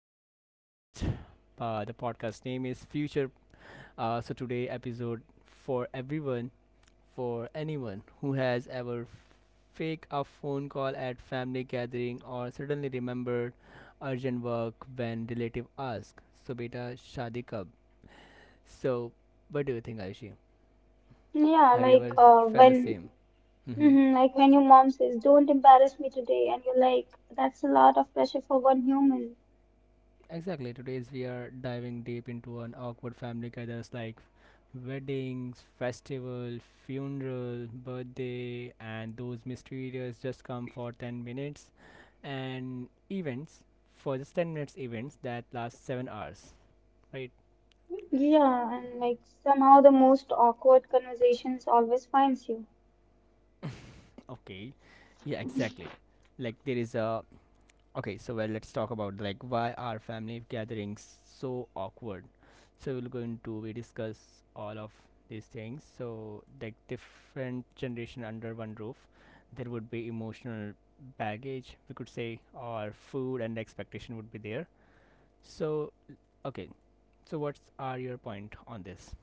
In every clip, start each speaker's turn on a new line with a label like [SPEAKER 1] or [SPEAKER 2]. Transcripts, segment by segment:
[SPEAKER 1] another podcast. The podcast name is Future. So today episode for everyone, for anyone who has ever fake a phone call at family gathering or suddenly remembered urgent work when relative ask. So beta shadi kab. So what do you think, Aishi?
[SPEAKER 2] Yeah,
[SPEAKER 1] Have you
[SPEAKER 2] like
[SPEAKER 1] ever
[SPEAKER 2] uh,
[SPEAKER 1] felt the
[SPEAKER 2] when
[SPEAKER 1] same? Mm-hmm.
[SPEAKER 2] mhm, like when your mom says, "Don't embarrass me today," and you're like, "That's a lot of pressure for one human."
[SPEAKER 1] Exactly. Today's we are diving deep into an awkward family gathers like weddings, festival, funeral, birthday, and those mysterious just come for 10 minutes, and events for just 10 minutes events that last 7 hours, right?
[SPEAKER 2] Yeah, and like somehow the most awkward conversations always finds you.
[SPEAKER 1] Okay, yeah, exactly. Like there is a okay, so well, let's talk about like why are family gatherings so awkward, so we're going to we discuss all of these things, so like different generation under one roof, there would be emotional baggage, we could say, or food and expectation would be there. So okay, so what's are your point on this?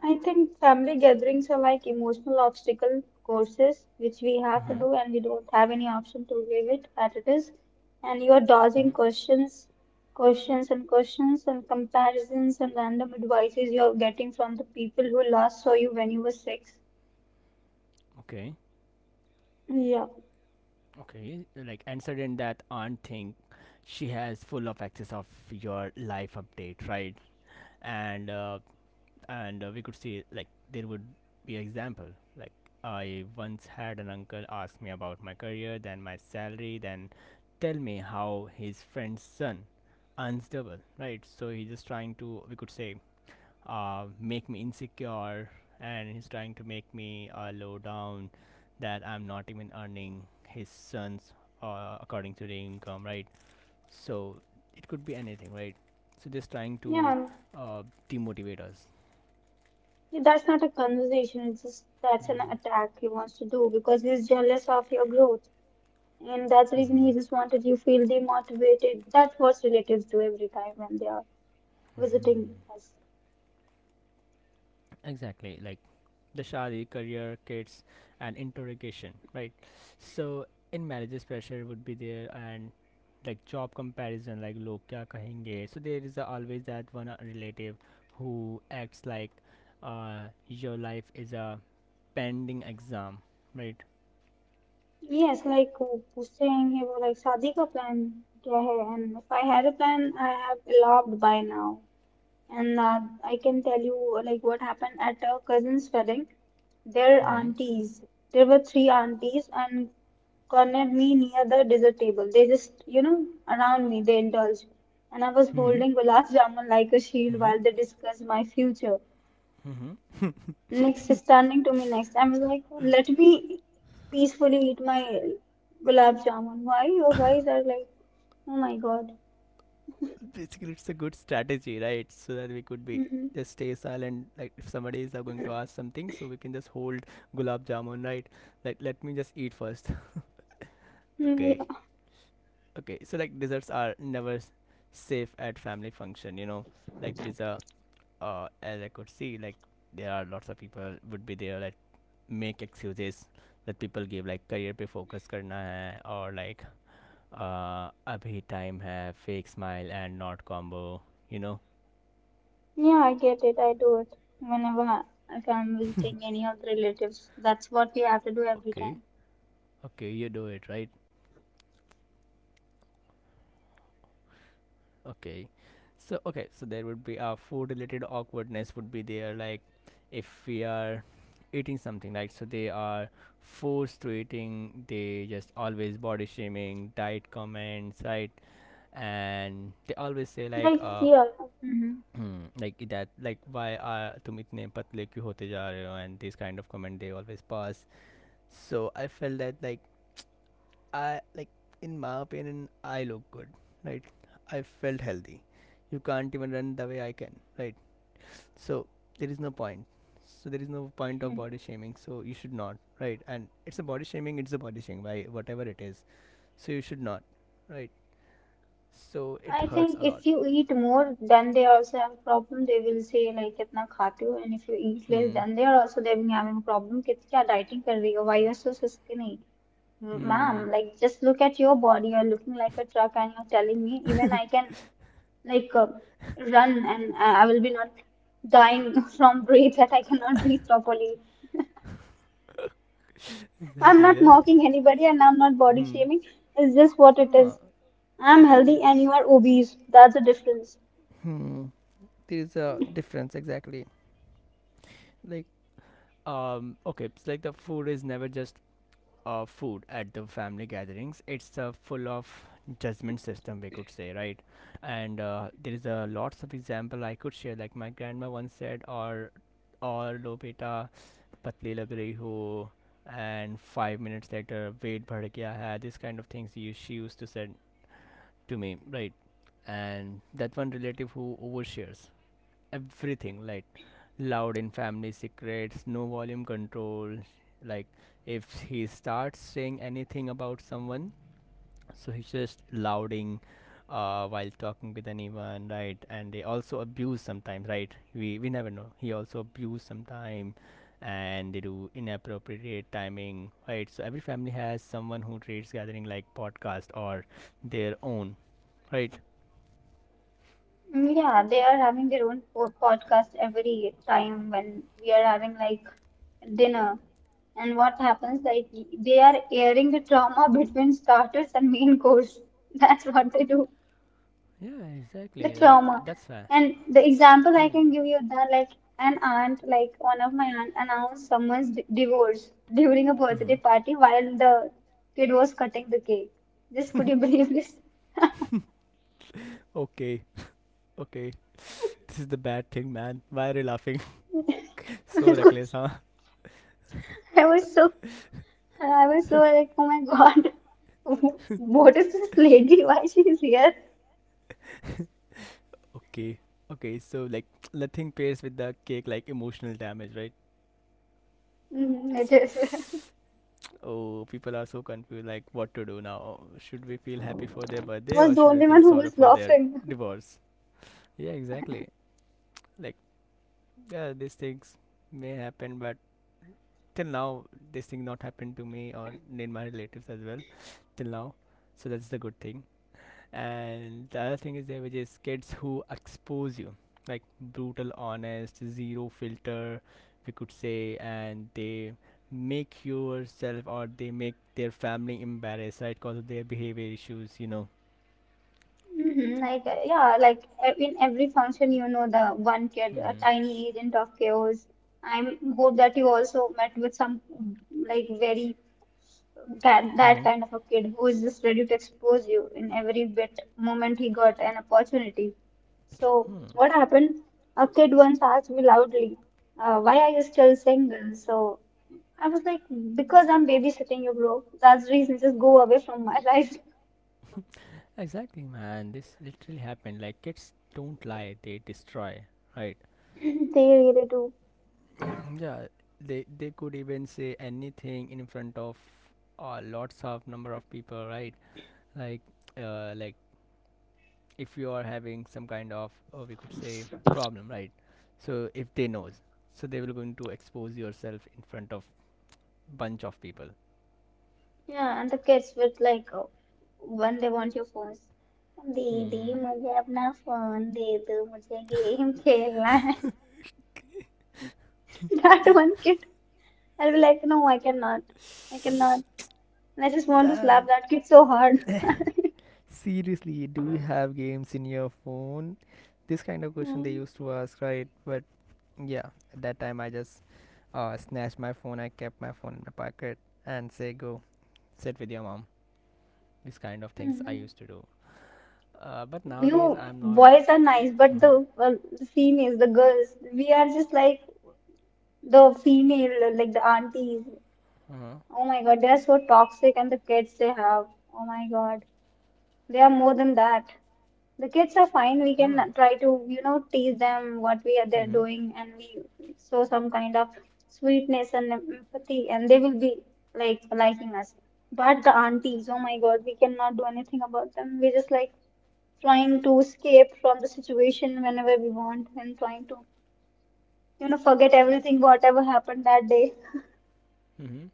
[SPEAKER 2] I think family gatherings are like emotional obstacle courses which we have to
[SPEAKER 1] Mm-hmm.
[SPEAKER 2] do and we don't have any option to leave it as it is. And you are dodging
[SPEAKER 1] Mm-hmm.
[SPEAKER 2] questions, questions and questions and comparisons and random advices you're getting from the people who last saw you when you were six.
[SPEAKER 1] Okay.
[SPEAKER 2] Yeah,
[SPEAKER 1] Okay, like answered in that aunt thing, she has full of access of your life update, right? And uh, and uh, we could see, like there would be an example, like I once had an uncle ask me about my career, then my salary, then tell me how his friend's son earns double, right? So he's just trying to, we could say, make me insecure, and he's trying to make me low down, that I'm not even earning his son's, according to the income, right? So it could be anything, right? So just trying to
[SPEAKER 2] yeah.
[SPEAKER 1] uh, demotivate us.
[SPEAKER 2] That's not a conversation. It's just that's an attack he wants to do because he's jealous of your growth, and that's the reason
[SPEAKER 1] Mm-hmm.
[SPEAKER 2] he just wanted you feel demotivated. That's what relatives do every time when they are visiting us.
[SPEAKER 1] Exactly, like the shadi career kids and interrogation, right? So in marriages pressure would be there, and like job comparison, like log kya kahenge, so there is always that one relative who acts like your life is a pending exam, right?
[SPEAKER 2] Yes, like who's saying he was like, "Shadi ka plan kya hai?" And if I had a plan, I have eloped by now. And I can tell you like what happened at a cousin's wedding. Their
[SPEAKER 1] Mm-hmm.
[SPEAKER 2] aunties, there were three aunties and cornered me near the dessert table. They just, you know, around me, they indulged. And I was
[SPEAKER 1] Mm-hmm.
[SPEAKER 2] holding gulab jamun like a shield
[SPEAKER 1] Mm-hmm.
[SPEAKER 2] while they discussed my future. Next, standing to me next, I was like, let me peacefully eat my gulab jamun. Why you guys are like, oh my God.
[SPEAKER 1] Basically, it's a good strategy, right? So that we could be just stay silent, like if somebody is going to ask something, so we can just hold gulab jamun, right? Like let me just eat first. Okay.
[SPEAKER 2] Mm-mm.
[SPEAKER 1] Okay, so like desserts are never safe at family function. Like there is a as I could see, like there are lots of people would be there, like make excuses that people give, like career पे focus करना है, or like अभी time है, fake smile and not combo you know
[SPEAKER 2] Yeah, I get it. I do it whenever I- if I'm visiting any of the relatives. That's what we have to do every
[SPEAKER 1] okay.
[SPEAKER 2] time.
[SPEAKER 1] Okay, you do it, right? Okay. So okay, so there would be a food related awkwardness would be there, like if we are eating something, right? So they are forced to eating, they just always body shaming, diet comments, right? And they always say like
[SPEAKER 2] Like here, hmm.
[SPEAKER 1] like that, like why are तुम इतने पतले क्यों होते जा रहे हो and these kind of comment they always pass, so I felt that, like I like, in my opinion, I look good, right? I felt healthy. You can't even run the way I can, right? So there is no point. So there is no point of body shaming. So you should not, right? And it's a body shaming. It's a body shaming by whatever it is. So you should not, right? So it
[SPEAKER 2] I
[SPEAKER 1] hurts a
[SPEAKER 2] think
[SPEAKER 1] lot.
[SPEAKER 2] if you eat more, then they also have a problem. They will say like इतना खाते हो, and if you eat less,
[SPEAKER 1] Hmm.
[SPEAKER 2] then they are also they will having a problem. कि क्या dieting कर रही हो? Why you're so skinny? Ma'am,
[SPEAKER 1] Hmm.
[SPEAKER 2] like just look at your body. You're looking like a truck, and you're telling me even I can like uh, run, and I will be not dying from breath that I cannot breathe properly. I'm
[SPEAKER 1] Exactly.
[SPEAKER 2] not
[SPEAKER 1] That's
[SPEAKER 2] mocking anybody and I'm not body
[SPEAKER 1] hmm.
[SPEAKER 2] shaming. It's just what it
[SPEAKER 1] Huh.
[SPEAKER 2] is. I'm
[SPEAKER 1] Exactly.
[SPEAKER 2] healthy and you are obese. That's the difference.
[SPEAKER 1] Hmm. There is a difference. Exactly. Like okay, it's like the food is never just food at the family gatherings, it's full of judgment system, we could say, right? And there is a lots of example I could share, like my grandma once said, or lopeta patli lag rahi ho, and 5 minutes later weight bhad gaya hai, this kind of things you she used to said to me, right? And that one relative who overshares everything, like loud in family secrets, no volume control, like if he starts saying anything about someone, so he's just louding while talking with anyone, right? And they also abuse sometimes, right? We never know, he also abuse sometime, and they do inappropriate timing, right? So every family has someone who treats gathering like podcast or their own, right?
[SPEAKER 2] Mm, yeah, they are having their own podcast every time when we are having like dinner. And what happens, like they are airing the trauma between starters and main course. That's what they do.
[SPEAKER 1] Yeah,
[SPEAKER 2] The
[SPEAKER 1] exactly, like
[SPEAKER 2] trauma.
[SPEAKER 1] that's fair.
[SPEAKER 2] And the example I
[SPEAKER 1] Hmm.
[SPEAKER 2] can give you that like an aunt, like one of my aunt announced someone's divorce during a
[SPEAKER 1] Mm-hmm.
[SPEAKER 2] birthday party while the kid was cutting the cake. Just could you believe this?
[SPEAKER 1] Okay. Okay, this is the bad thing, man. Why are you laughing? So reckless,
[SPEAKER 2] Because
[SPEAKER 1] huh?
[SPEAKER 2] I was so, I was so like, oh my God, what is this lady? Why she is here?
[SPEAKER 1] Okay, okay, so like nothing pairs with the cake like emotional damage, right?
[SPEAKER 2] Mm, it is. I
[SPEAKER 1] Oh, people are so confused like what to do now. Should we feel happy for their birthday, or
[SPEAKER 2] was the
[SPEAKER 1] should we
[SPEAKER 2] only
[SPEAKER 1] feel
[SPEAKER 2] one who
[SPEAKER 1] sorry
[SPEAKER 2] was
[SPEAKER 1] for their
[SPEAKER 2] laughing.
[SPEAKER 1] divorce? Yeah, exactly. Like, yeah, these things may happen, but till now, this thing not happened to me or in my relatives as well. Till now, so that's the good thing. And the other thing is there, which is kids who expose you, like brutal honest zero filter, we could say, and they make yourself or they make their family embarrassed, right, because of their behavior issues.
[SPEAKER 2] Mhm. Yeah, like in every function, you know, the one kid, a
[SPEAKER 1] Hmm.
[SPEAKER 2] tiny agent of chaos. I hope that you also met with some like very that
[SPEAKER 1] Hmm.
[SPEAKER 2] kind of a kid who is just ready to expose you in every bit moment he got an opportunity. So
[SPEAKER 1] Hmm.
[SPEAKER 2] what happened? A kid once asked me loudly, "Why are you still single?" So I was like, "Because I'm babysitting you, bro. That's the reason. Just go away from my life."
[SPEAKER 1] Exactly, man, this literally happened. Like kids don't lie, they destroy, right?
[SPEAKER 2] They really do.
[SPEAKER 1] Yeah, they could even say anything in front of lots of number of people, right? Like like if you are having some kind of we could say problem, right? So if they knows, so they will going to expose yourself in front of bunch of people.
[SPEAKER 2] Yeah, and the kids with when they want your phones. दीदी
[SPEAKER 1] Hmm.
[SPEAKER 2] मुझे अपना phone दे दो मुझे game खेलना है. That one kid, I'll be like no, I cannot, and I just want to slap
[SPEAKER 1] Damn.
[SPEAKER 2] that kid so hard.
[SPEAKER 1] Seriously, do you have games in your phone? This kind of question they
[SPEAKER 2] Mm-hmm.
[SPEAKER 1] used to ask, right? But yeah, at that time I just snatched my phone, I kept my phone in my pocket and say go sit with your mom. This kind of things I used to do, but nowadays
[SPEAKER 2] You
[SPEAKER 1] I'm not.
[SPEAKER 2] boys are nice but
[SPEAKER 1] Uh-huh.
[SPEAKER 2] the well, the females the girls, we are just like the female, like the aunties,
[SPEAKER 1] Uh-huh.
[SPEAKER 2] oh my God, they are so toxic, and the kids they have, oh my God, they are more than that. The kids are fine. We can
[SPEAKER 1] Huh.
[SPEAKER 2] try to, you know, tease them what we are there
[SPEAKER 1] Mhm.
[SPEAKER 2] doing, and we show some kind of sweetness and empathy, and they will be like liking us. But the aunties, oh my God, we cannot do anything about them. We're just like trying to escape from the situation whenever we want, and trying to, you know, forget everything, whatever happened that day.
[SPEAKER 1] Mhm.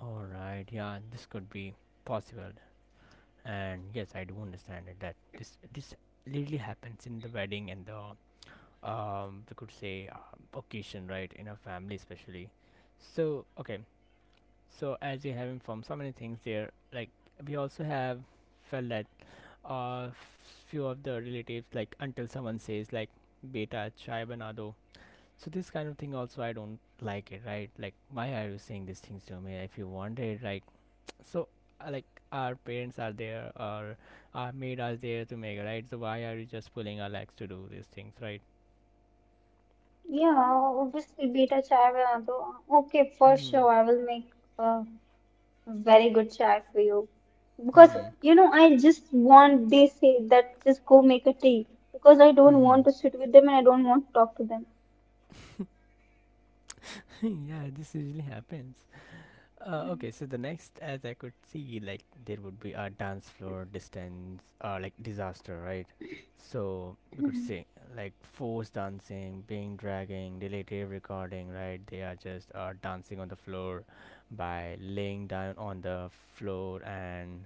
[SPEAKER 1] All right. Yeah, this could be possible. And yes, I do understand it, that this literally happens in the wedding and the we could say occasion, right? In a family, especially. So okay. So as you have informed, so many things there. Like we also have felt that uh few of the relatives, like until someone says like beta chai bana do. So this kind of thing also I don't like it, right? Like why are you saying these things to me, if you want it, right? So like our parents are there, or our made us there to make it, right? So why are you just pulling our legs to do these things, right?
[SPEAKER 2] Yeah, obviously, beta chai. Okay, for
[SPEAKER 1] Hmm.
[SPEAKER 2] sure, I will make. Uh, Very good chai for you. Because,
[SPEAKER 1] Hmm.
[SPEAKER 2] you know, I just want, they say that just go make a tea. Because I don't
[SPEAKER 1] Hmm.
[SPEAKER 2] want to sit with them and I don't want to talk to them.
[SPEAKER 1] Yeah, this usually happens. Okay, so the next, as I could see, like there would be a dance floor distance, like disaster, right? So we could say like forced dancing, being dragging, relative recording, right? They are just dancing on the floor by laying down on the floor and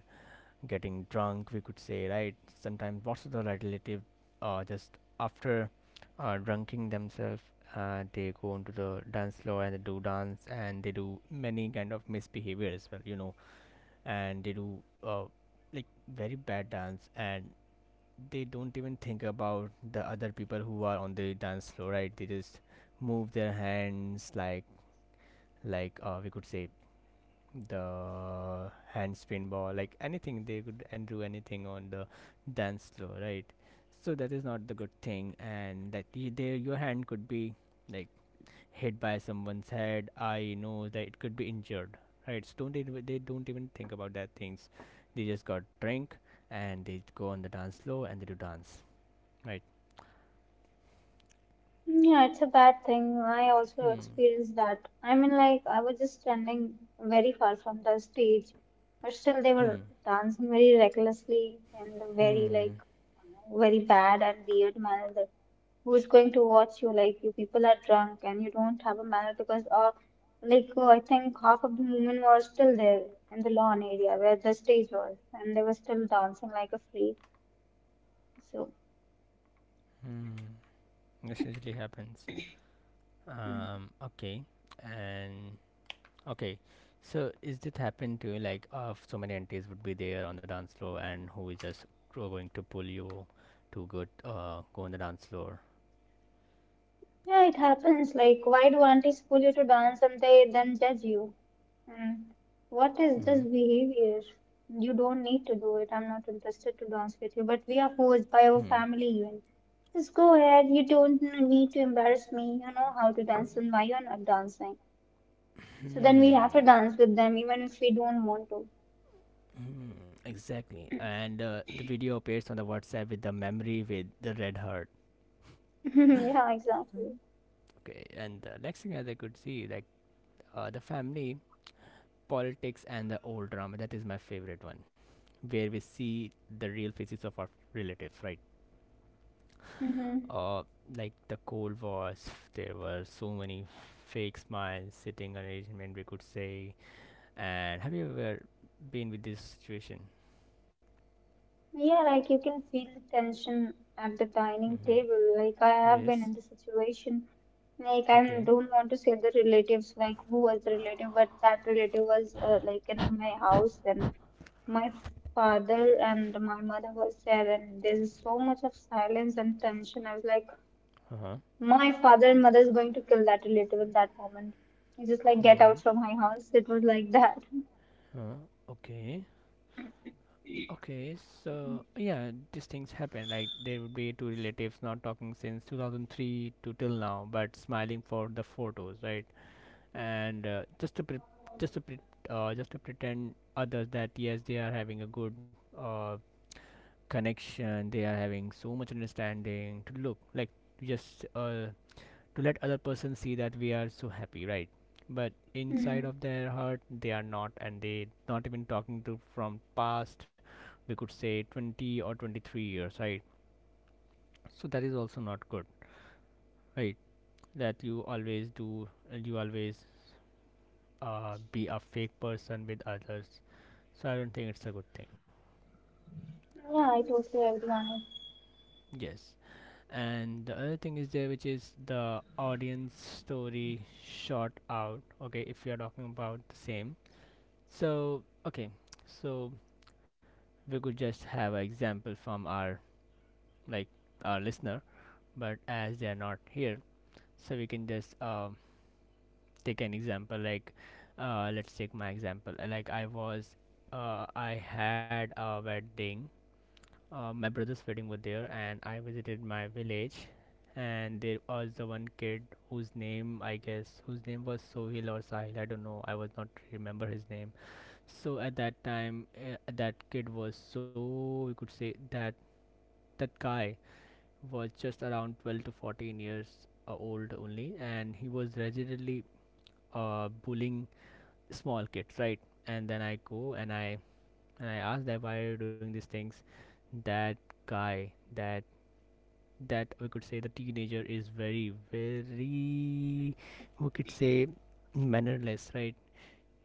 [SPEAKER 1] getting drunk, we could say, right? Sometimes most of the relative just after drinking themselves, they go into the dance floor, and they do dance, and they do many kind of misbehavior as well. And they do like very bad dance, and they don't even think about the other people who are on the dance floor, right? They just move their hands like we could say the hand spin ball, like anything they could, and do anything on the dance floor, right? So that is not the good thing, and that there your hand could be like hit by someone's head. I know that it could be injured, right? So don't even, they don't even think about that things. They just got drink and they go on the dance floor and they do dance, right?
[SPEAKER 2] Yeah, it's a bad thing. I also
[SPEAKER 1] Hmm.
[SPEAKER 2] experienced that. I mean, like, I was just standing very far from the stage, but still they were
[SPEAKER 1] Hmm.
[SPEAKER 2] dancing very recklessly and very, like, very bad and weird manner that who's going to watch you? Like, you people are drunk and you don't have a manner because, I think half of the women were still there in the lawn area where the stage was, and they were still dancing like a freak. So.
[SPEAKER 1] Hmm. This usually happens. Okay. And okay, so is this happened to you, like so many aunties would be there on the dance floor, and who is just going to pull you to go on the dance floor?
[SPEAKER 2] Yeah, it happens. Like, why do aunties pull you to dance and they then judge you? Mm. What is this
[SPEAKER 1] Hmm.
[SPEAKER 2] behavior? You don't need to do it. I'm not interested to dance with you. But we are forced by our
[SPEAKER 1] Hmm.
[SPEAKER 2] family even. Just go ahead. You don't need to embarrass me. You know how to dance and why you're not dancing. So then we have to
[SPEAKER 1] Hmm.
[SPEAKER 2] dance with them even if we don't want to.
[SPEAKER 1] Hmm. Exactly. And the video appears on the WhatsApp with the memory with the red heart.
[SPEAKER 2] Yeah, exactly.
[SPEAKER 1] Mm. Okay, and the next thing as I could see, like the family politics and the old drama. That is my favorite one, where we see the real faces of our relatives, right?
[SPEAKER 2] Mm-hmm.
[SPEAKER 1] uh, like the cold wars. There were so many fake smiles sitting arrangement, we could say, and have you ever been with this situation?
[SPEAKER 2] Yeah, like you can feel the tension at the dining
[SPEAKER 1] Mm-hmm.
[SPEAKER 2] table. Like I have been in
[SPEAKER 1] Yes.
[SPEAKER 2] the situation. Like I
[SPEAKER 1] Okay.
[SPEAKER 2] don't want to say the relatives, like who was the relative, but that relative was like in my house, and my father and my mother was there, and there's so much of silence and tension. I was like,
[SPEAKER 1] Uh-huh.
[SPEAKER 2] my father and mother is going to kill that relative in that moment. It's just like get
[SPEAKER 1] Mm-hmm.
[SPEAKER 2] out from my house. It was like that.
[SPEAKER 1] Huh. Okay, okay, so yeah, these things happen. Like there would be two relatives not talking since 2003 to till now, but smiling for the photos, right? And just to pre- just to pretend others that yes they are having a good uh, connection, they are having so much understanding to look like just to let other person see that we are so happy, right? But inside
[SPEAKER 2] Mm-hmm.
[SPEAKER 1] of their heart they are not, and they not even talking to from past, we could say 20 or 23 years, right? So that is also not good, right? That you always do, you always be a fake person with others. So I don't think it's a good thing.
[SPEAKER 2] Yeah, I totally agree on
[SPEAKER 1] Yes. And the other thing is there, which is the audience story short out. Okay, if we are talking about the same, so okay, so we could just have an example from our, like, our listener, but as they are not here, so we can just take an example like, let's take my example. Like I was, I had a wedding. My brother's wedding was there and I visited my village, and there was the one kid whose name, I guess, whose name was Sohil or Sahil, I don't know, I was not remember his name. So at that time, that kid was so, we could say that, that guy was just around 12 to 14 years old only, and he was resolutely bullying small kids, right? And then I go and I asked that why are you doing these things, that guy, that, we could say, the teenager is very, very, we could say, mannerless, right?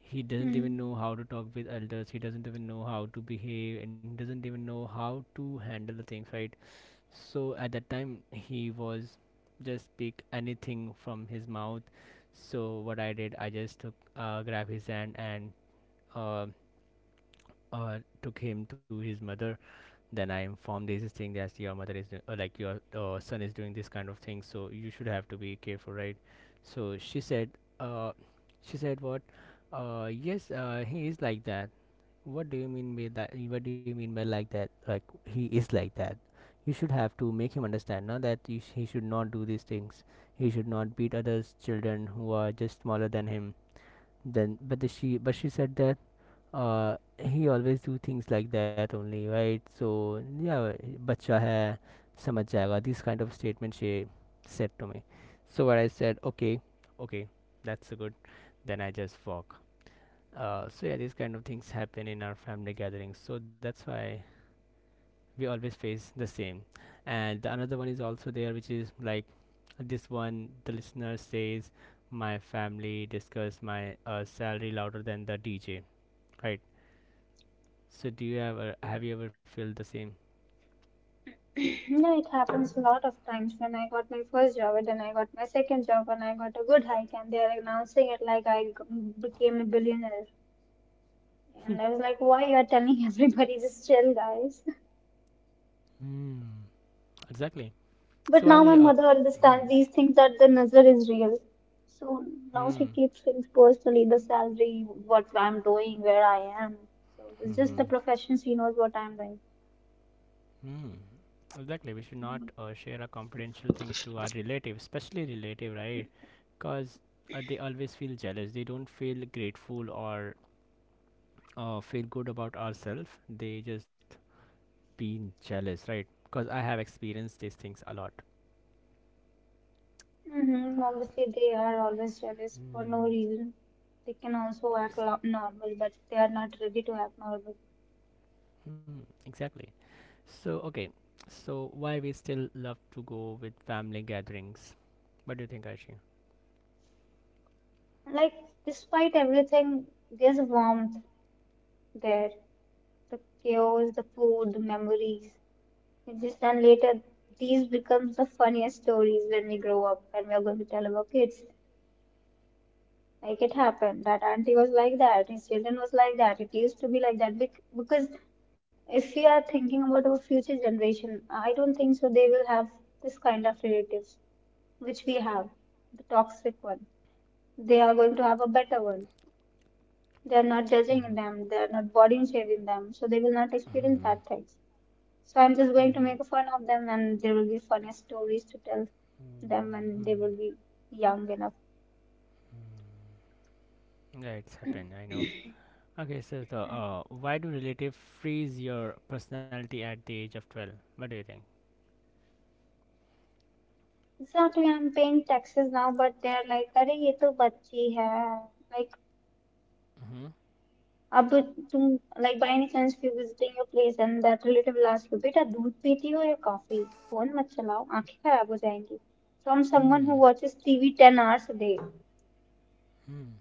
[SPEAKER 1] He
[SPEAKER 2] it.
[SPEAKER 1] doesn't even
[SPEAKER 2] Mm-hmm.
[SPEAKER 1] know how to talk with elders, he doesn't even know how to behave, and doesn't even know how to handle the things, right? So at that time, he was just speak anything from his mouth. So what I did, I just took, grab his hand and uh, took him to his mother. Then I inform Daisy saying that your mother is like your son is doing this kind of thing, so you should have to be careful, right? So uh, she said what? Yes, he is like that. What do you mean by that? What do you mean by like that? Like he is like that. You should have to make him understand now that he should not do these things. He should not beat others' children who are just smaller than him. Then, but she said that, he always do things like that only, right? So yeah, bacha hai, samajh jayega. This kind of statement she said to me. So what I said, okay, okay, that's good. Then I just walk. So yeah, these kind of things happen in our family gatherings. So that's why we always face the same. And the another one is also there, which is like this one. The listener says, "My family discuss my salary louder than the DJ." Right, so do you ever, have you ever felt the same?
[SPEAKER 2] No, it happens a lot of times. When I got my first job, and then I got my second job, and I got a good hike, and they are announcing it like I became a billionaire. And I was like, why you are telling everybody, just chill, guys?
[SPEAKER 1] Hmm. Exactly. So
[SPEAKER 2] But
[SPEAKER 1] I
[SPEAKER 2] now my
[SPEAKER 1] will.
[SPEAKER 2] mother
[SPEAKER 1] Hmm.
[SPEAKER 2] understands these things that the nazar is real. So now she
[SPEAKER 1] Hmm.
[SPEAKER 2] keeps things personally, the salary, what I'm doing, where I am. So it's just
[SPEAKER 1] Hmm.
[SPEAKER 2] the profession. She knows what I'm doing.
[SPEAKER 1] Hmm. Exactly. We should not share our confidential things to our relative, especially relative, right? Because they always feel jealous. They don't feel grateful or feel good about ourselves. They just being jealous, right? Because I have experienced these things a lot.
[SPEAKER 2] Mm-hmm. Obviously, they are always jealous for
[SPEAKER 1] Hmm.
[SPEAKER 2] no reason. They can also act normal, but they are not ready to act normal.
[SPEAKER 1] Hmm, exactly. So, okay. So, why we still love to go with family gatherings? What do you think, Aishi?
[SPEAKER 2] Like, despite everything, there's warmth there. The chaos, the food, the memories. It's just then later, these become the funniest stories when we grow up and we are going to tell our kids. Like it happened. That auntie was like that. His children was like that. It used to be like that. Because if we are thinking about our future generation, I don't think so they will have this kind of relatives which we have, the toxic one. They are going to have a better one. They are not judging them. They are not body shaming them. So they will not
[SPEAKER 1] Mm-hmm.
[SPEAKER 2] experience that things. So I'm just going
[SPEAKER 1] Mm-hmm.
[SPEAKER 2] to make fun of them and there will be funny stories to tell them when they will be young enough.
[SPEAKER 1] Yeah, it's happened. I know. Okay, so the, why do relative freeze your personality at the age of 12? What do you think?
[SPEAKER 2] Exactly I am paying taxes now but they are like अरे ये तो बच्ची है. Like
[SPEAKER 1] Mm-hmm.
[SPEAKER 2] अब तुम. Like by any chance you visiting your place and that relative will ask you बेटा दूध पीती हो या कॉफी. फोन मत चलाओ आंखें खराब हो जाएंगी from someone who
[SPEAKER 1] Hmm.
[SPEAKER 2] Watches TV 10 hours a day.
[SPEAKER 1] Hmm.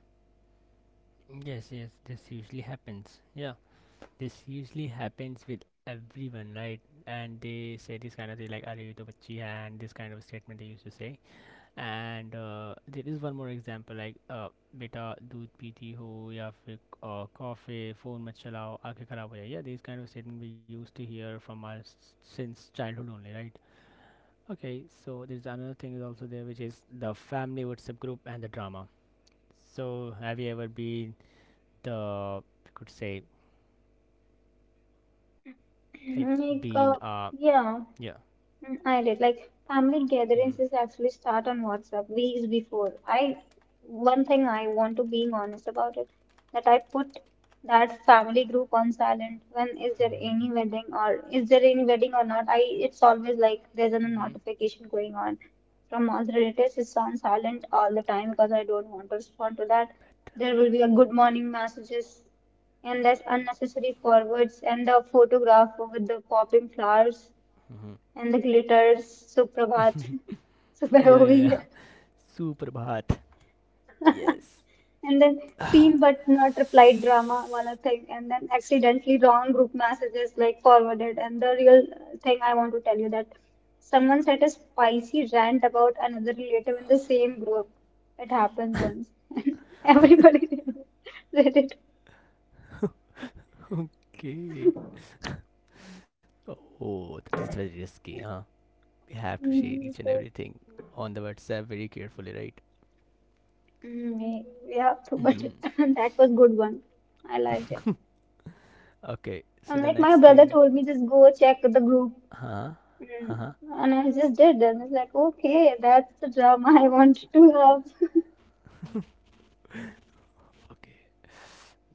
[SPEAKER 1] Yes, yes. This usually happens. Yeah, this usually happens with everyone, right? And they say this kind of thing like "Are you to bachchi hai?" and this kind of statement they used to say. And there is one more example like, beta dood piti ho ya fir coffee phone mat chalao aankhein kharab ho jaye. Yeah, these kind of statement we used to hear from us since childhood only, right? Okay, so there's another thing is also there, which is the family WhatsApp group and the drama. So have you ever been the, you could say, like,
[SPEAKER 2] like
[SPEAKER 1] been
[SPEAKER 2] yeah.
[SPEAKER 1] yeah.
[SPEAKER 2] Mm, I did. Like family
[SPEAKER 1] Mm-hmm.
[SPEAKER 2] gatherings is actually start on WhatsApp weeks before. I one thing I want to being honest about it, that I put that family group on silent. When is there any wedding or is there any wedding or not? I it's always like there's a
[SPEAKER 1] Mm-hmm.
[SPEAKER 2] notification going on from all the relatives. It's on silent all the time because I don't want to respond to that. There will be a good morning messages and there's unnecessary forwards and the photograph with the popping flowers
[SPEAKER 1] Mm.
[SPEAKER 2] and the glitters, Suprabhat, सुबह
[SPEAKER 1] Yeah,
[SPEAKER 2] हो
[SPEAKER 1] yeah,
[SPEAKER 2] गई
[SPEAKER 1] yeah.
[SPEAKER 2] है.
[SPEAKER 1] Superbhat. Yes.
[SPEAKER 2] And then seen but not replied drama wala thing, and then accidentally wrong group messages like forwarded, and the real thing I want to tell you that someone said a spicy rant about another relative in the same group. It happened once. Everybody did it.
[SPEAKER 1] Okay. Oh, that is very risky, huh? We have to share each
[SPEAKER 2] Mm,
[SPEAKER 1] and
[SPEAKER 2] so,
[SPEAKER 1] everything on the WhatsApp very carefully, right?
[SPEAKER 2] yeah, but
[SPEAKER 1] Mm-hmm.
[SPEAKER 2] that was good one. I liked it.
[SPEAKER 1] Okay, so
[SPEAKER 2] And
[SPEAKER 1] the
[SPEAKER 2] like my
[SPEAKER 1] next
[SPEAKER 2] brother
[SPEAKER 1] thing.
[SPEAKER 2] told me, just go check the group.
[SPEAKER 1] Huh?
[SPEAKER 2] Mm.
[SPEAKER 1] Huh?
[SPEAKER 2] And I just did, and it's like, okay, that's the drama I want to have.
[SPEAKER 1] Okay.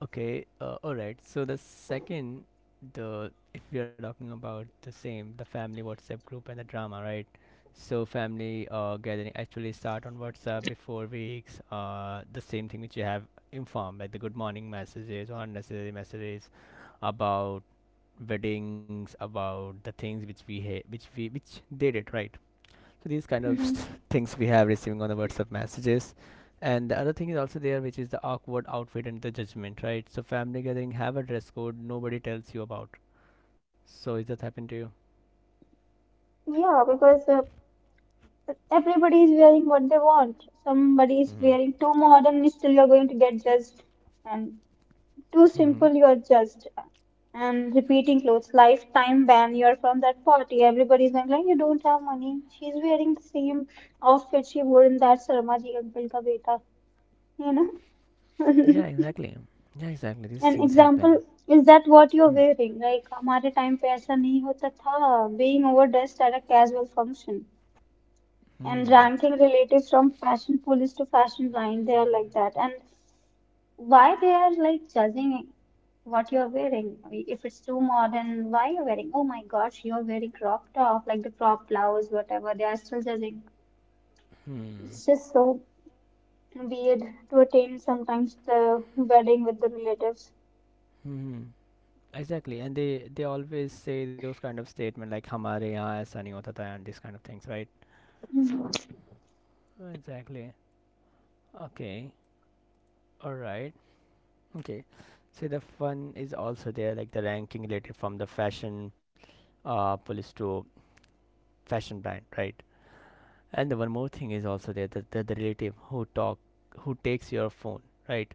[SPEAKER 1] Okay, all right. So the second, the if we are talking about the same, the family WhatsApp group and the drama, right? So family gathering actually start on WhatsApp before weeks. The same thing which you have informed, like the good morning messages or unnecessary messages about weddings, about the things which we ha- which we which they did, right? So these kind of
[SPEAKER 2] Hmm.
[SPEAKER 1] things we have receiving on the WhatsApp messages. And the other thing is also there, which is the awkward outfit and the judgment, right? So family gathering have a dress code nobody tells you about. So is that happened to you?
[SPEAKER 2] Yeah, because everybody is wearing what they want. Somebody is
[SPEAKER 1] Mm-hmm.
[SPEAKER 2] wearing too modern, and still you're going to get judged, and too
[SPEAKER 1] Mm-hmm.
[SPEAKER 2] simple, you're judged. And repeating clothes, lifetime ban, you're from that party. Everybody's going like, you don't have money. She's wearing the same outfit she wore in that Sarmaji Uncle Ka Beta, you know?
[SPEAKER 1] Yeah, exactly. Yeah, exactly. These
[SPEAKER 2] An
[SPEAKER 1] things
[SPEAKER 2] example
[SPEAKER 1] happen.
[SPEAKER 2] is that what you're
[SPEAKER 1] Hmm.
[SPEAKER 2] wearing? Like हमारे time पे ऐसा नहीं होता था. Being overdressed at a casual function and
[SPEAKER 1] Hmm.
[SPEAKER 2] ranking relatives from fashion police to fashion blind, they are like that. And why they are like judging what you're wearing? I mean, if it's too modern, why you're wearing? Oh my gosh, you're wearing crop top, like the crop blouse, whatever. They are still judging.
[SPEAKER 1] Hmm.
[SPEAKER 2] It's just so weird to attend sometimes the wedding with the relatives.
[SPEAKER 1] Hmm. Exactly, and they always say those kind of statement like "हमारे यहाँ ऐसा नहीं होता था" and these kind of things, right? Exactly. Okay. All right. Okay, so the fun is also there, like the ranking related from the fashion police to fashion brand, right? And the one more thing is also there, that the relative who talk, who takes your phone, right?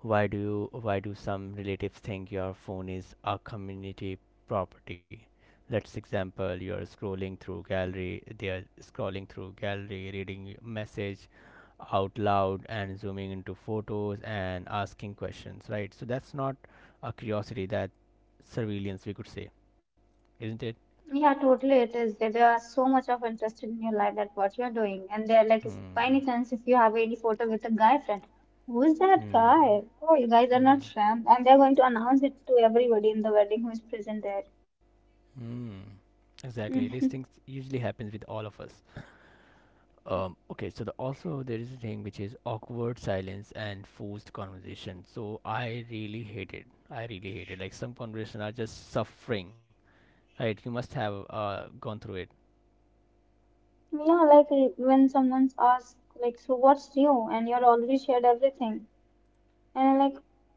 [SPEAKER 1] Why do you, why do some relatives think your phone is a community property? Let's example you are scrolling through gallery, they are scrolling through gallery, reading message out loud and zooming into photos and asking questions, right? So that's not a curiosity, that surveillance we could say, isn't it?
[SPEAKER 2] Yeah, totally. It is. There are so much of interest in your life that what you are doing. And they're like, by any
[SPEAKER 1] Hmm.
[SPEAKER 2] chance, if you have any photo with a guy friend, who is that
[SPEAKER 1] Hmm.
[SPEAKER 2] guy? Oh, you guys are
[SPEAKER 1] Hmm.
[SPEAKER 2] not friends. And they're going to announce it to everybody in the wedding who is present there.
[SPEAKER 1] Hmm. Exactly. These
[SPEAKER 2] Mhm.
[SPEAKER 1] things usually happens with all of us. Okay, so the, also there is a thing which is awkward silence and forced conversation. So I really hate it. I really hate it. Like some conversation are just suffering. Right? You must have gone through it.
[SPEAKER 2] Yeah, like when someone's asked, like, so what's new? And you're already shared everything. And I'm like,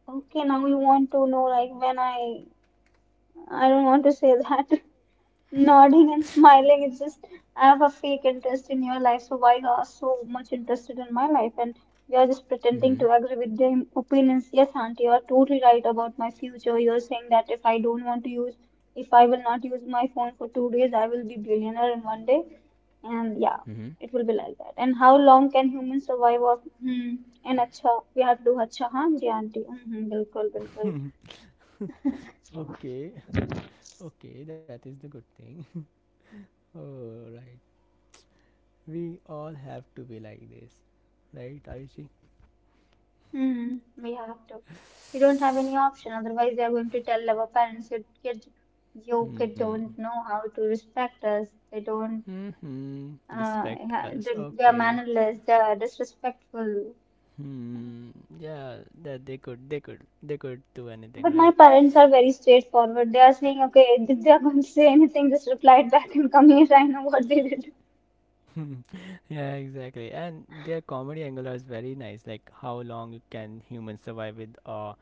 [SPEAKER 2] okay, now you want to know, like, when I don't want to say that. Nodding and smiling, it's just I have a fake interest in your life, so why you are so much interested in my life and you are just pretending
[SPEAKER 1] Mm-hmm.
[SPEAKER 2] to agree with their opinions. Yes, Auntie, you are totally right about my future. You're saying that if I will not use my phone for 2 days, I will be billionaire in one day. And yeah,
[SPEAKER 1] Mm-hmm.
[SPEAKER 2] it will be like that. And how long can humans survive off? Hmm. And acha, we have to do acha, haan ji, auntie. Mm-hmm, bilkul, bilkul.
[SPEAKER 1] Okay. Okay, that is the good thing. Oh right, we all have to be like this, right, Ayushi?
[SPEAKER 2] Hmm, we have to. You don't have any option, otherwise they are going to tell our parents, your kid
[SPEAKER 1] Hmm.
[SPEAKER 2] don't know how to respect us. They don't,
[SPEAKER 1] Hmm. Respect us.
[SPEAKER 2] they are
[SPEAKER 1] Okay.
[SPEAKER 2] mannerless. They are disrespectful.
[SPEAKER 1] Hmm. Yeah, that they could, they could do anything,
[SPEAKER 2] But my
[SPEAKER 1] right?
[SPEAKER 2] parents are very straightforward. They are saying, okay, if they are going to say anything, just reply it back and come here. I know what they did.
[SPEAKER 1] Yeah, exactly. And their comedy angle is very nice. Like how long can humans survive with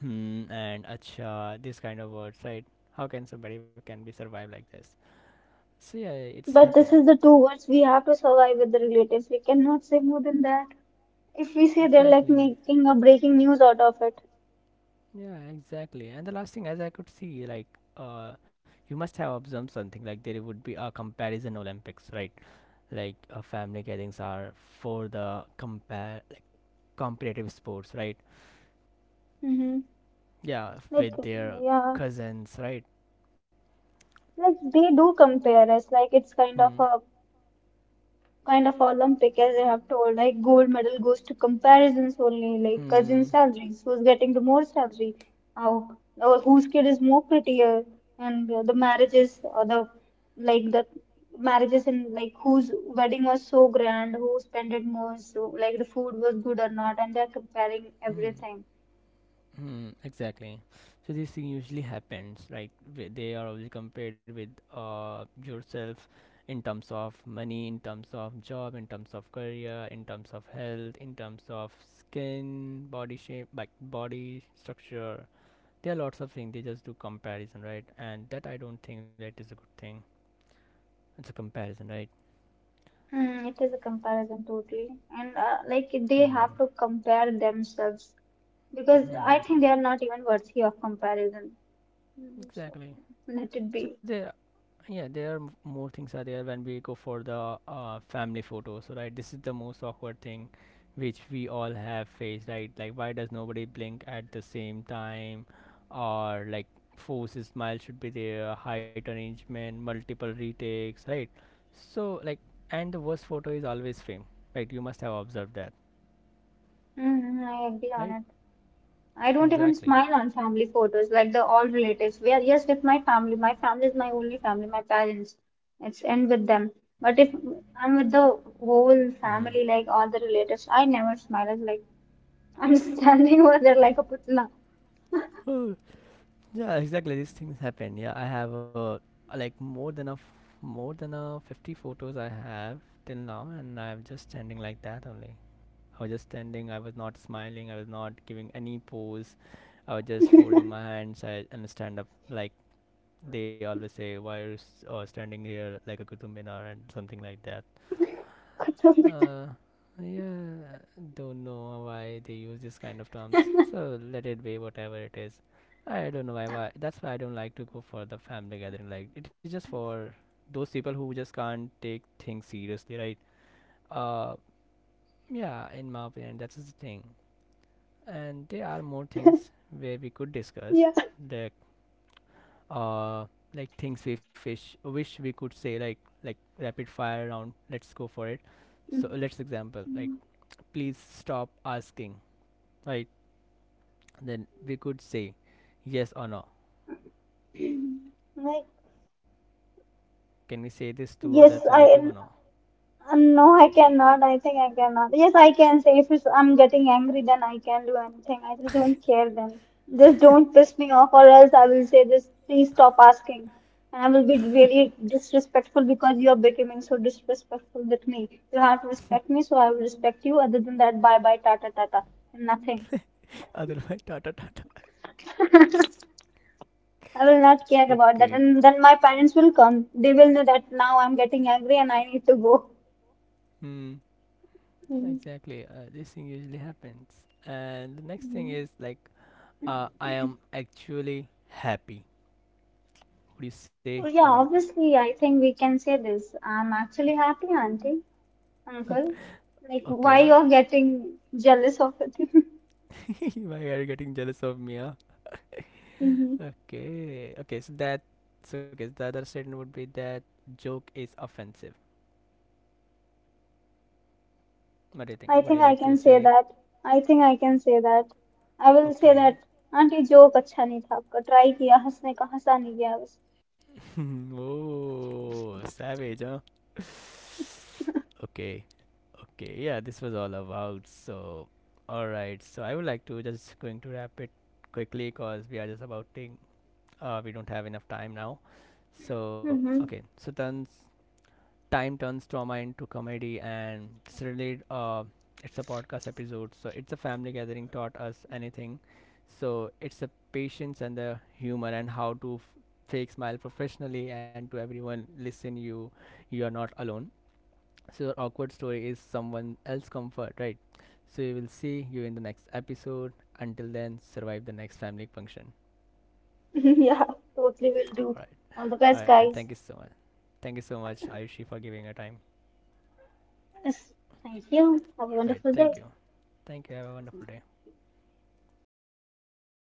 [SPEAKER 1] hmm and acha this kind of words, right? How can somebody can be survive like this? So yeah, it's
[SPEAKER 2] But
[SPEAKER 1] happened.
[SPEAKER 2] this is the two words we have to survive with the relatives. We cannot say more than that. If we say they're like
[SPEAKER 1] Exactly.
[SPEAKER 2] making a breaking news out of it.
[SPEAKER 1] Yeah, exactly. And the last thing, as I could see, like uh, you must have observed something like there would be a comparison Olympics, right? Like family gatherings are for the compare, like, competitive sports, right?
[SPEAKER 2] Mm-hmm.
[SPEAKER 1] Yeah,
[SPEAKER 2] Like,
[SPEAKER 1] with their
[SPEAKER 2] yeah.
[SPEAKER 1] cousins, right?
[SPEAKER 2] Like they do compare us, like it's kind
[SPEAKER 1] Hmm.
[SPEAKER 2] of a kind of Olympic, as I have told. Like gold medal goes to comparisons only, like cousin
[SPEAKER 1] Hmm.
[SPEAKER 2] salaries, who's getting the more salary, how or whose kid is more prettier, and the marriages or the marriages and like whose wedding was so grand, who spent it more, so like the food was good or not, and they're comparing
[SPEAKER 1] Hmm.
[SPEAKER 2] everything.
[SPEAKER 1] Hmm, exactly. So this thing usually happens, right? They are always compared with yourself, in terms of money, in terms of job, in terms of career, in terms of health, in terms of skin, body shape, like body structure. There are lots of things they just do comparison, right? And that I don't think that is a good thing. It's a comparison, right?
[SPEAKER 2] Hmm, it is a comparison totally, and like they
[SPEAKER 1] Mm-hmm.
[SPEAKER 2] have to compare themselves because I
[SPEAKER 1] Mm-hmm.
[SPEAKER 2] think they are not even worthy of comparison. Mm, so
[SPEAKER 1] Exactly.
[SPEAKER 2] let it
[SPEAKER 1] So
[SPEAKER 2] be.
[SPEAKER 1] there, yeah, there are more things are there when we go for the family photos, right? This is the most awkward thing, which we all have faced, right? Like, why does nobody blink at the same time, or like force smile should be there, height arrangement, multiple retakes, right? So like, and the worst photo is always framed, right? You must have observed that,
[SPEAKER 2] Mm, I agree on
[SPEAKER 1] right?
[SPEAKER 2] it. I don't even
[SPEAKER 1] Exactly.
[SPEAKER 2] smile on family photos, like the all relatives. We are yes with my family. My family is my only family, my parents. It's end with them.
[SPEAKER 1] Hmm.
[SPEAKER 2] But if I'm with the whole
[SPEAKER 1] Mm-hmm.
[SPEAKER 2] family, like all the relatives, I never smile. It's like I'm standing over there like a putla.
[SPEAKER 1] Yeah, exactly. These things happen. Yeah, I have like more than a 50 photos I have till now, and I'm just standing like that only. I was just standing. I was not smiling. I was not giving any pose. I was just folding my hands, and stand up like they always say, "Why are you standing here like a kutub minar?" and something like that. Uh, yeah, don't know why they use this kind of terms. So let it be whatever it is. I don't know why. That's why I don't like to go for the family gathering. Like it is just for those people who just can't take things seriously, right? Uh, yeah, in my opinion, that's the thing. And there are more things where we could discuss.
[SPEAKER 2] Yeah.
[SPEAKER 1] Like, uh, like things we fish wish we could say, like rapid fire round. Let's go for it. So
[SPEAKER 2] Mm,
[SPEAKER 1] let's example like, please stop asking, right? Then we could say yes or no,
[SPEAKER 2] like
[SPEAKER 1] can we say this to that
[SPEAKER 2] yes, I.
[SPEAKER 1] relative or no,
[SPEAKER 2] No, I cannot. I think I cannot. Yes, I can say if it's, I'm getting angry, then I can do anything. I just don't care then. Just don't piss me off, or else I will say this, please stop asking. And I will be really disrespectful because you are becoming so disrespectful with me. You have to respect me, so I will respect you. Other than that, bye bye, tata tata, and nothing.
[SPEAKER 1] otherwise tata tata.
[SPEAKER 2] I will not care about that.
[SPEAKER 1] Okay.
[SPEAKER 2] And then my parents will come. They will know that now I'm getting angry and I need to go.
[SPEAKER 1] Hmm. Exactly. This thing usually happens. And the next thing is like, I am actually happy, would you say
[SPEAKER 2] So,
[SPEAKER 1] or
[SPEAKER 2] yeah,
[SPEAKER 1] not?
[SPEAKER 2] obviously, I think we can say this. I'm actually happy, Auntie, Uncle. Like, why
[SPEAKER 1] Okay.
[SPEAKER 2] you're getting jealous of it?
[SPEAKER 1] Why are you getting jealous of me, huh?
[SPEAKER 2] hmm
[SPEAKER 1] Okay, okay, so that's okay. So the other statement would be that joke is offensive. What do you think?
[SPEAKER 2] I
[SPEAKER 1] Would you
[SPEAKER 2] think I
[SPEAKER 1] like to
[SPEAKER 2] can say
[SPEAKER 1] say?
[SPEAKER 2] that. I think I can say that. I will say that.
[SPEAKER 1] Okay.
[SPEAKER 2] Auntie, joke अच्छा नहीं था आपका. Try किया, हंसने का हंसा नहीं गया बस.
[SPEAKER 1] Oh, savage, huh? Okay, okay, yeah, this was all about. So, all right, so I would like to just going to wrap it quickly because we are just about thing. We don't have enough time now. So, okay,
[SPEAKER 2] Mm-hmm.
[SPEAKER 1] so tons time turns trauma into comedy, and it's really, uh, it's a podcast episode. So it's a family gathering taught us anything, so it's the patience and the humor and how to fake smile professionally. And to everyone listen, you are not alone. So your awkward story is someone else comfort, right? So we will see you in the next episode. Until then, survive the next family function.
[SPEAKER 2] Yeah, totally will
[SPEAKER 1] All
[SPEAKER 2] do.
[SPEAKER 1] right.
[SPEAKER 2] All the
[SPEAKER 1] All
[SPEAKER 2] best,
[SPEAKER 1] right, thank you
[SPEAKER 2] guys.
[SPEAKER 1] so much. Thank you so much, Ayushi, for giving your time.
[SPEAKER 2] Yes. Thank you. Have a
[SPEAKER 1] All right,
[SPEAKER 2] wonderful day.
[SPEAKER 1] thank you. Thank you, have a wonderful day.